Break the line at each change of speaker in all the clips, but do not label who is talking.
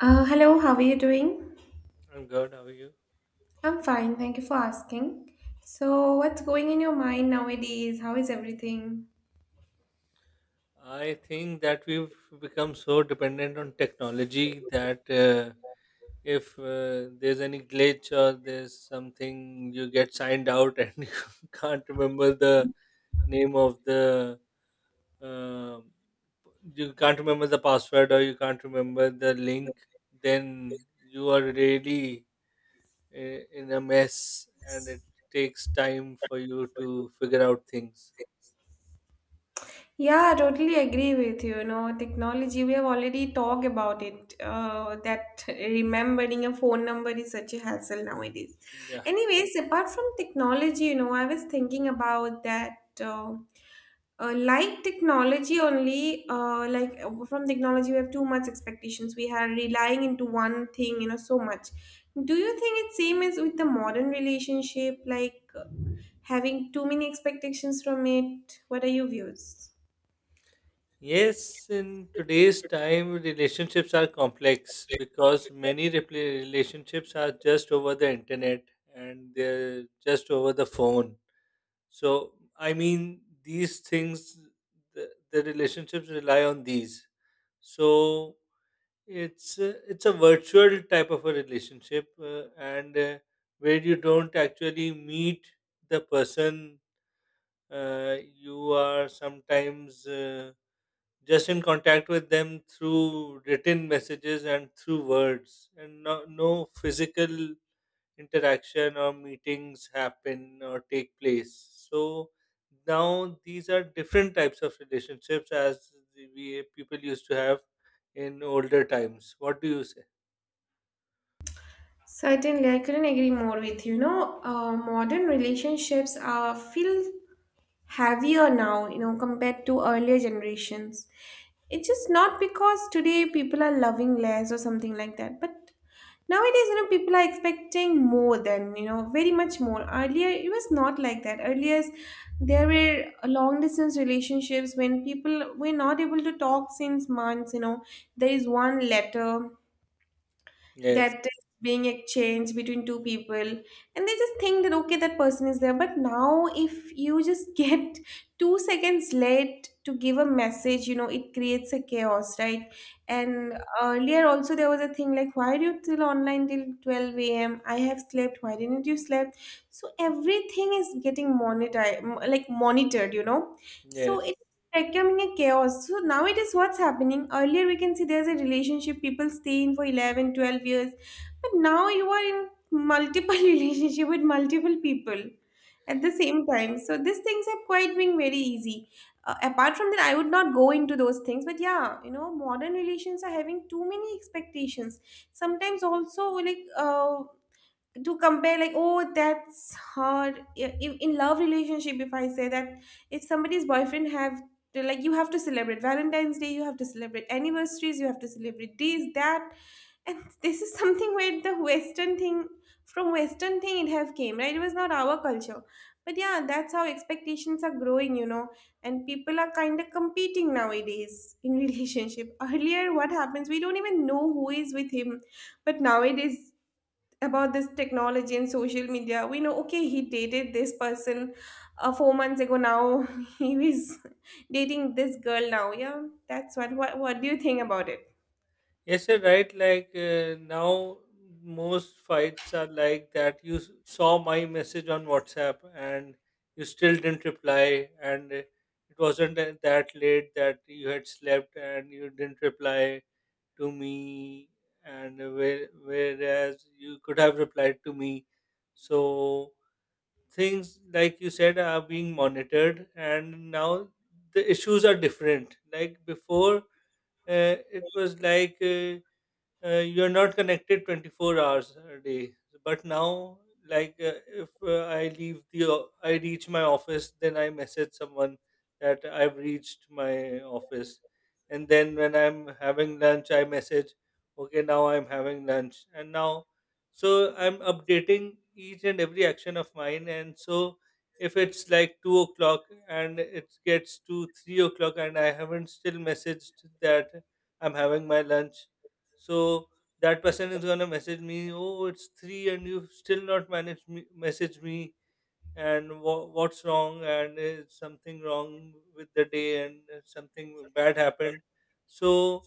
Hello, how are you doing?
I'm good. How are you?
I'm fine, thank you for asking. So, what's going in your mind nowadays? How is everything?
I think that we've become so dependent on technology that if there's any glitch or there's something, you get signed out and you can't remember the name of the. um you can't remember the password or you can't remember the link, then you are really in a mess, and it takes time for you to figure out things.
Yeah, I totally agree with you. You know, technology, we have already talked about it, that remembering a phone number is such a hassle nowadays.
Yeah.
Anyways, apart from technology, you know, I was thinking about that. Like technology only, like, from technology we have too much expectations. We are relying into one thing, you know, so much. Do you think it's same as with the modern relationship, like, having too many expectations from it? What are your views?
Yes, in today's time, relationships are complex because many relationships are just over the internet and they're just over the phone. So, I mean, these things, the relationships rely on these. So, it's a virtual type of a relationship, and where you don't actually meet the person, you are sometimes, just in contact with them through written messages and through words, and no physical interaction or meetings happen or take place. So now these are different types of relationships as we people used to have in older times. What do you say?
Certainly, I couldn't agree more with you. You know, modern relationships feel heavier now, you know, compared to earlier generations. It's just not because today people are loving less or something like that, but nowadays, you know, people are expecting more than, you know, very much more. Earlier, it was not like that. Earlier, there were long distance relationships when people were not able to talk since months, you know. There is one letter
Yes.
that is being exchanged between two people, and they just think that okay, that person is there. But now, if you just get 2 seconds late to give a message, you know, it creates a chaos, right? And earlier also there was a thing like, why are you still online till 12 a.m.? I have slept, why didn't you sleep? So everything is getting monetized, like monitored, you know. So
Yes.
becoming a chaos. So now it is what's happening. Earlier we can see there's a relationship people stay in for 11, 12 years. But now you are in multiple relationship with multiple people at the same time. So these things are quite being very easy. Apart from that, I would not go into those things. But yeah, you know, modern relations are having too many expectations. Sometimes also, like, to compare, like, oh that's her. Yeah, in love relationship, if I say that, if somebody's boyfriend have to, like, you have to celebrate Valentine's Day, you have to celebrate anniversaries, you have to celebrate this that. And this is something where the western thing, from western thing it have came, right? It was not our culture, but yeah, that's how expectations are growing, you know. And people are kind of competing nowadays in relationship. Earlier what happens, we don't even know who is with him. But nowadays, about this technology and social media, we know okay, he dated this person 4 months ago. Now he is dating this girl now. Yeah, that's what do you think about it?
Yes, you're right. Like, now, most fights are like that. You saw my message on WhatsApp, and you still didn't reply, and it wasn't that late that you had slept and you didn't reply to me, and whereas you could have replied to me. So things, like you said, are being monitored, and now the issues are different. Like before, it was like. You're not connected 24 hours a day, but now, like, if I reach my office, then I message someone that I've reached my office, and then when I'm having lunch, I message, okay, now I'm having lunch, and now, so I'm updating each and every action of mine. And so if it's like 2 o'clock and it gets to 3 o'clock and I haven't still messaged that I'm having my lunch, so that person is gonna message me, oh, it's three, and you still not message me, and what's wrong, and is something wrong with the day, and something bad happened. So,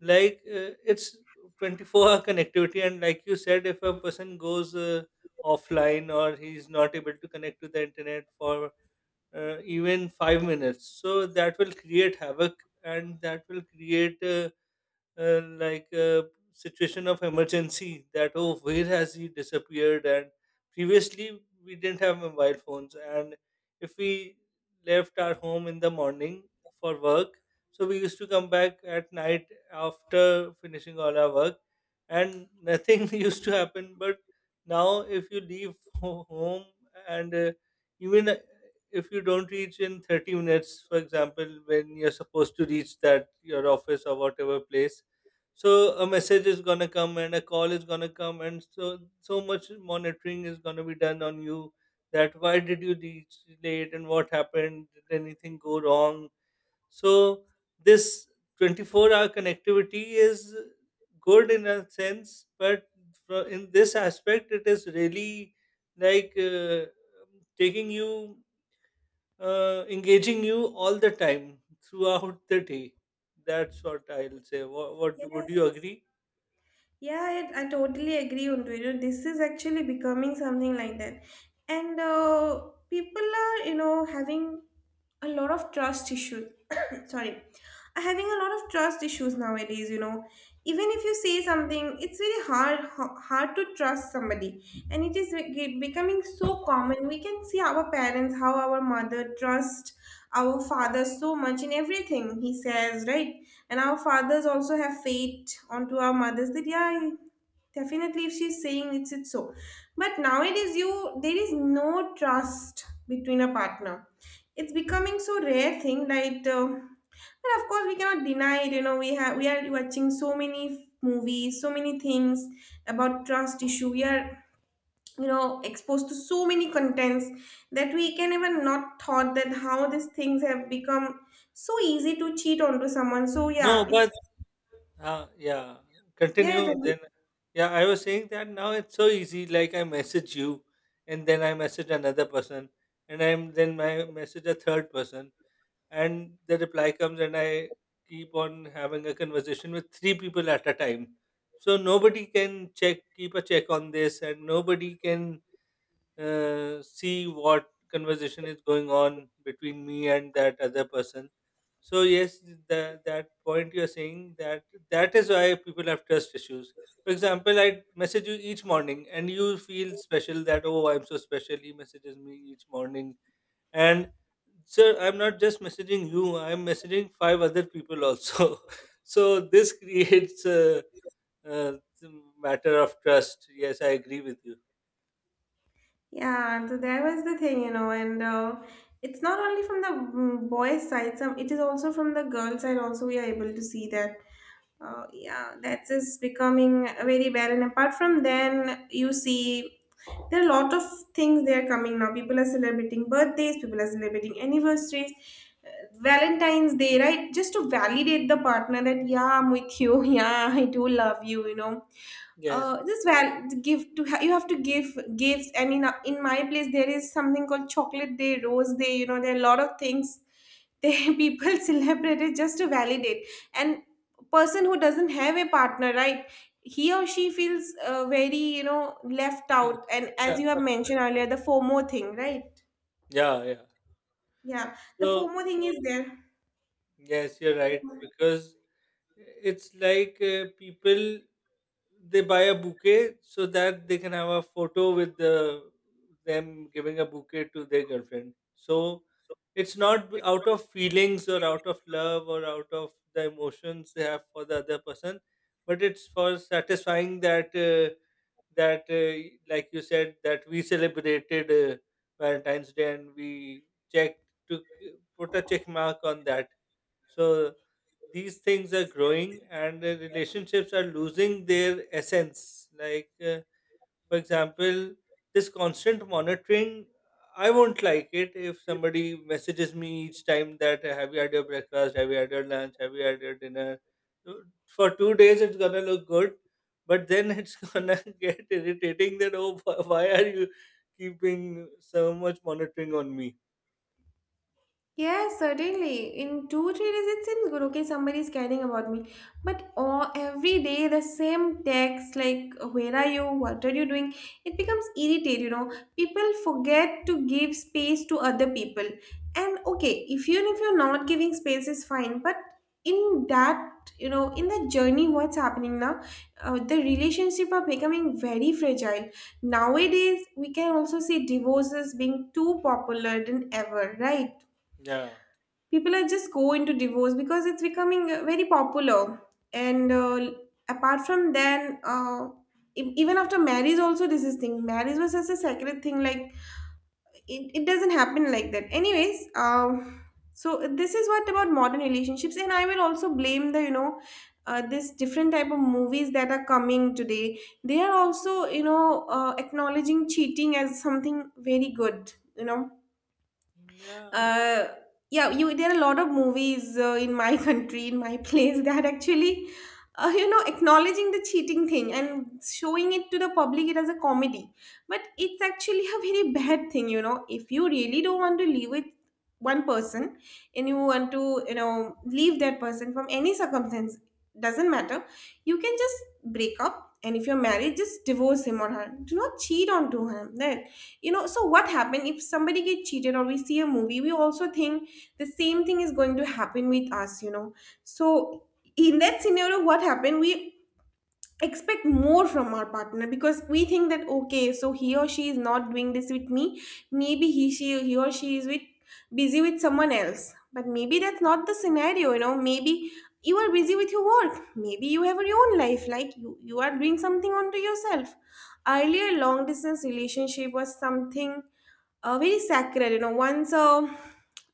like, it's 24-hour connectivity, and like you said, if a person goes offline or he's not able to connect to the internet for even 5 minutes, so that will create havoc, and that will create. Like a situation of emergency, that oh, where has he disappeared. And previously we didn't have mobile phones, and if we left our home in the morning for work, so we used to come back at night after finishing all our work, and nothing used to happen. But now if you leave home, and even if you don't reach in 30 minutes, for example, when you're supposed to reach that your office or whatever place, so a message is gonna come and a call is gonna come, and so so much monitoring is gonna be done on you, that why did you reach late and what happened, did anything go wrong. So this 24-hour connectivity is good in a sense, but in this aspect it is really, like, taking you, engaging you all the time throughout the day. That's what I'll say. What would
Yes.
you agree?
Yeah, I totally agree on to it. You know, this is actually becoming something like that. And people are, you know, having a lot of trust issues. Sorry. Are having a lot of trust issues nowadays, you know. Even if you say something, it's very hard hard to trust somebody. And it is becoming so common. We can see our parents, how our mother trust our father so much in everything he says, right? And our fathers also have faith onto our mothers that yeah, definitely, if she's saying, it's so. But nowadays, you there is no trust between a partner. It's becoming so rare thing. Like, but of course, we cannot deny it. You know, we are watching so many movies, so many things about trust issue. We are, you know, exposed to so many contents that we can even not thought that how these things have become so easy to cheat onto someone. So
No,
yeah, it's
but yeah,
yeah.
continue. Then, yeah, I was saying that now it's so easy. Like, I message you, and then I message another person, and I'm then I message a third person, and the reply comes, and I keep on having a conversation with three people at a time. So nobody can check, keep a check on this, and nobody can see what conversation is going on between me and that other person. So yes, that point you are saying, that that is why people have trust issues. For example, I message you each morning, and you feel special that oh, I'm so special, he messages me each morning, and sir, I'm not just messaging you. I'm messaging five other people also. So this creates a matter of trust. Yes, I agree with you.
Yeah, and so there was the thing, you know, and it's not only from the boys' side, some it is also from the girls' side. Also, we are able to see that, yeah, that is becoming very bad. And apart from then, you see there are a lot of things they are coming now. People are celebrating birthdays, people are celebrating anniversaries, uh, Valentine's Day, right? Just to validate the partner that yeah, I'm with you, yeah, I do love you, you know.
Yes.
This val give to ha- You have to give gifts, and in my place there is something called Chocolate Day, Rose Day. You know, there are a lot of things they people celebrate it just to validate. And person who doesn't have a partner, right, he or she feels very, you know, left out. And as
Yeah.
you have mentioned earlier, the FOMO thing, right?
Yeah, yeah.
Yeah, the
So,
FOMO thing is there.
yes, you're right, because it's like, people, they buy a bouquet so that they can have a photo with them giving a bouquet to their girlfriend. So, it's not out of feelings or out of love or out of the emotions they have for the other person, but it's for satisfying that. That like you said, that we celebrated Valentine's Day, and we checked put a check mark on that. So these things are growing, and the relationships are losing their essence, like, for example, this constant monitoring. I won't like it if somebody messages me each time that have you had your breakfast, have you had your lunch, have you had your dinner. So, for 2 days, it's gonna look good, but then it's gonna get irritating, that oh, why are you keeping so much monitoring on me?
Yes, certainly. In two, 3 days, it seems good. Okay, somebody is caring about me. But all, every day, the same text, like, where are you? What are you doing? It becomes irritating, you know. People forget to give space to other people. And okay, if you're not giving space is fine. But in that, you know, in the journey, what's happening now, the relationship are becoming very fragile. Nowadays, we can also see divorces being too popular than ever, right?
Yeah,
People are just go into divorce because it's becoming very popular. And apart from then, even after marriage also this is thing. Marriage was such a sacred thing, like, it doesn't happen like that anyways. So this is what about modern relationships, and I will also blame the, you know, this different type of movies that are coming today. They are also, you know, acknowledging cheating as something very good, you know.
yeah.
uh, yeah, you there are a lot of movies in my country, in my place that actually, you know, acknowledging the cheating thing and showing it to the public it as a comedy. But it's actually a very bad thing, you know. If you really don't want to live with one person, and you want to, you know, leave that person from any circumstance, doesn't matter, you can just break up. And if you're married, just divorce him or her. Do not cheat on to him, you know. So what happened, if somebody gets cheated, or we see a movie, we also think the same thing is going to happen with us, you know. So in that scenario, what happened, we expect more from our partner because we think that okay, so he or she is not doing this with me. Maybe he or she is with busy with someone else. But maybe that's not the scenario, you know. Maybe you are busy with your work, maybe you have your own life, like you are doing something onto yourself. Earlier long distance relationship was something very sacred, you know. Once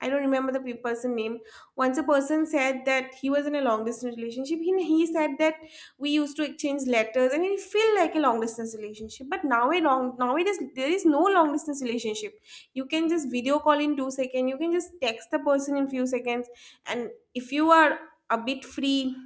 I don't remember the person name. Once a person said that he was in a long distance relationship, he said that we used to exchange letters and it feel like a long distance relationship. But now a long nowadays there is no long distance relationship. You can just video call in 2 seconds, you can just text the person in few seconds. And if you are a bit free,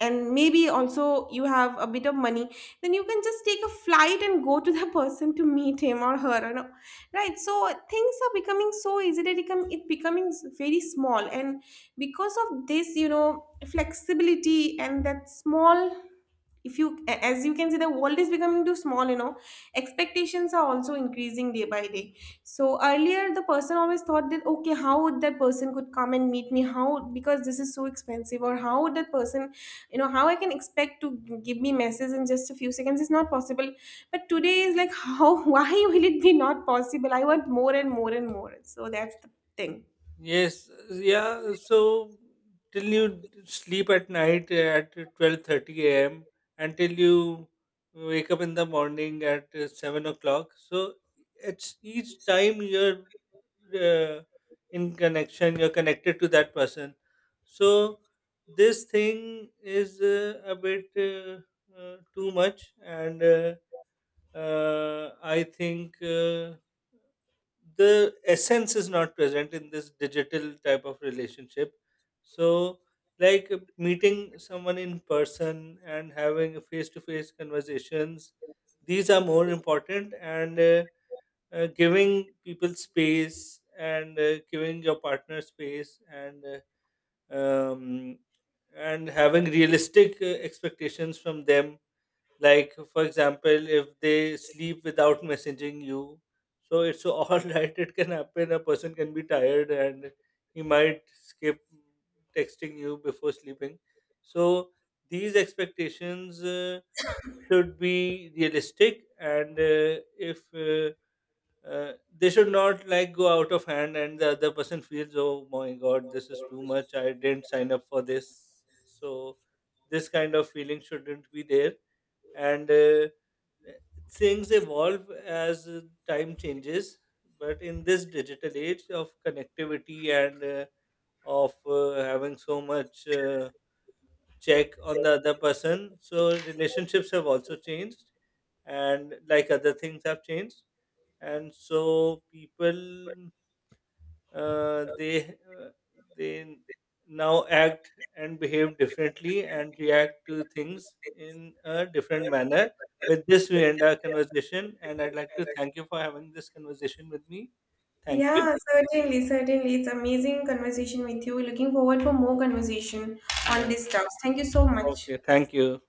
and maybe also you have a bit of money, then you can just take a flight and go to the person to meet him or her, you know, right? So things are becoming so easy that it becoming very small. And because of this, you know, flexibility and that small, if you as you can see, the world is becoming too small, you know. Expectations are also increasing day by day. So earlier the person always thought that okay, how would that person could come and meet me, how, because this is so expensive. Or how would that person, you know, how I can expect to give me message in just a few seconds. It's not possible. But today is like, how, why will it be not possible? I want more and more and more. So that's the thing.
Yes, yeah. So till you sleep at night at 12:30 a.m. until you wake up in the morning at 7 o'clock. So it's each time you're, uh, in connection, you're connected to that person. So this thing is a bit too much, and I think. The essence is not present in this digital type of relationship. So, like, meeting someone in person and having face to face conversations, these are more important. And giving people space, and giving your partner space, um, and having realistic expectations from them. Like, for example, if they sleep without messaging you, so it's so all right, it can happen, a person can be tired and he might skip texting you before sleeping. So these expectations should be realistic, and if they should not, like, go out of hand, and the other person feels, oh my god, this is too much, I didn't sign up for this. So this kind of feeling shouldn't be there. And things evolve as time changes. But in this digital age of connectivity, and of having so much check on the other person, so relationships have also changed. And like other things have changed, and so people, uh, they uh, they now act and behave differently and react to things in a different manner. With this, we end our conversation, and I'd like to thank you for having this conversation with me. Thank you.
Yeah, certainly, certainly. It's amazing conversation with you. Looking forward for more conversation on
Yeah.
this stuff. Thank you so much.
Okay. Thank you.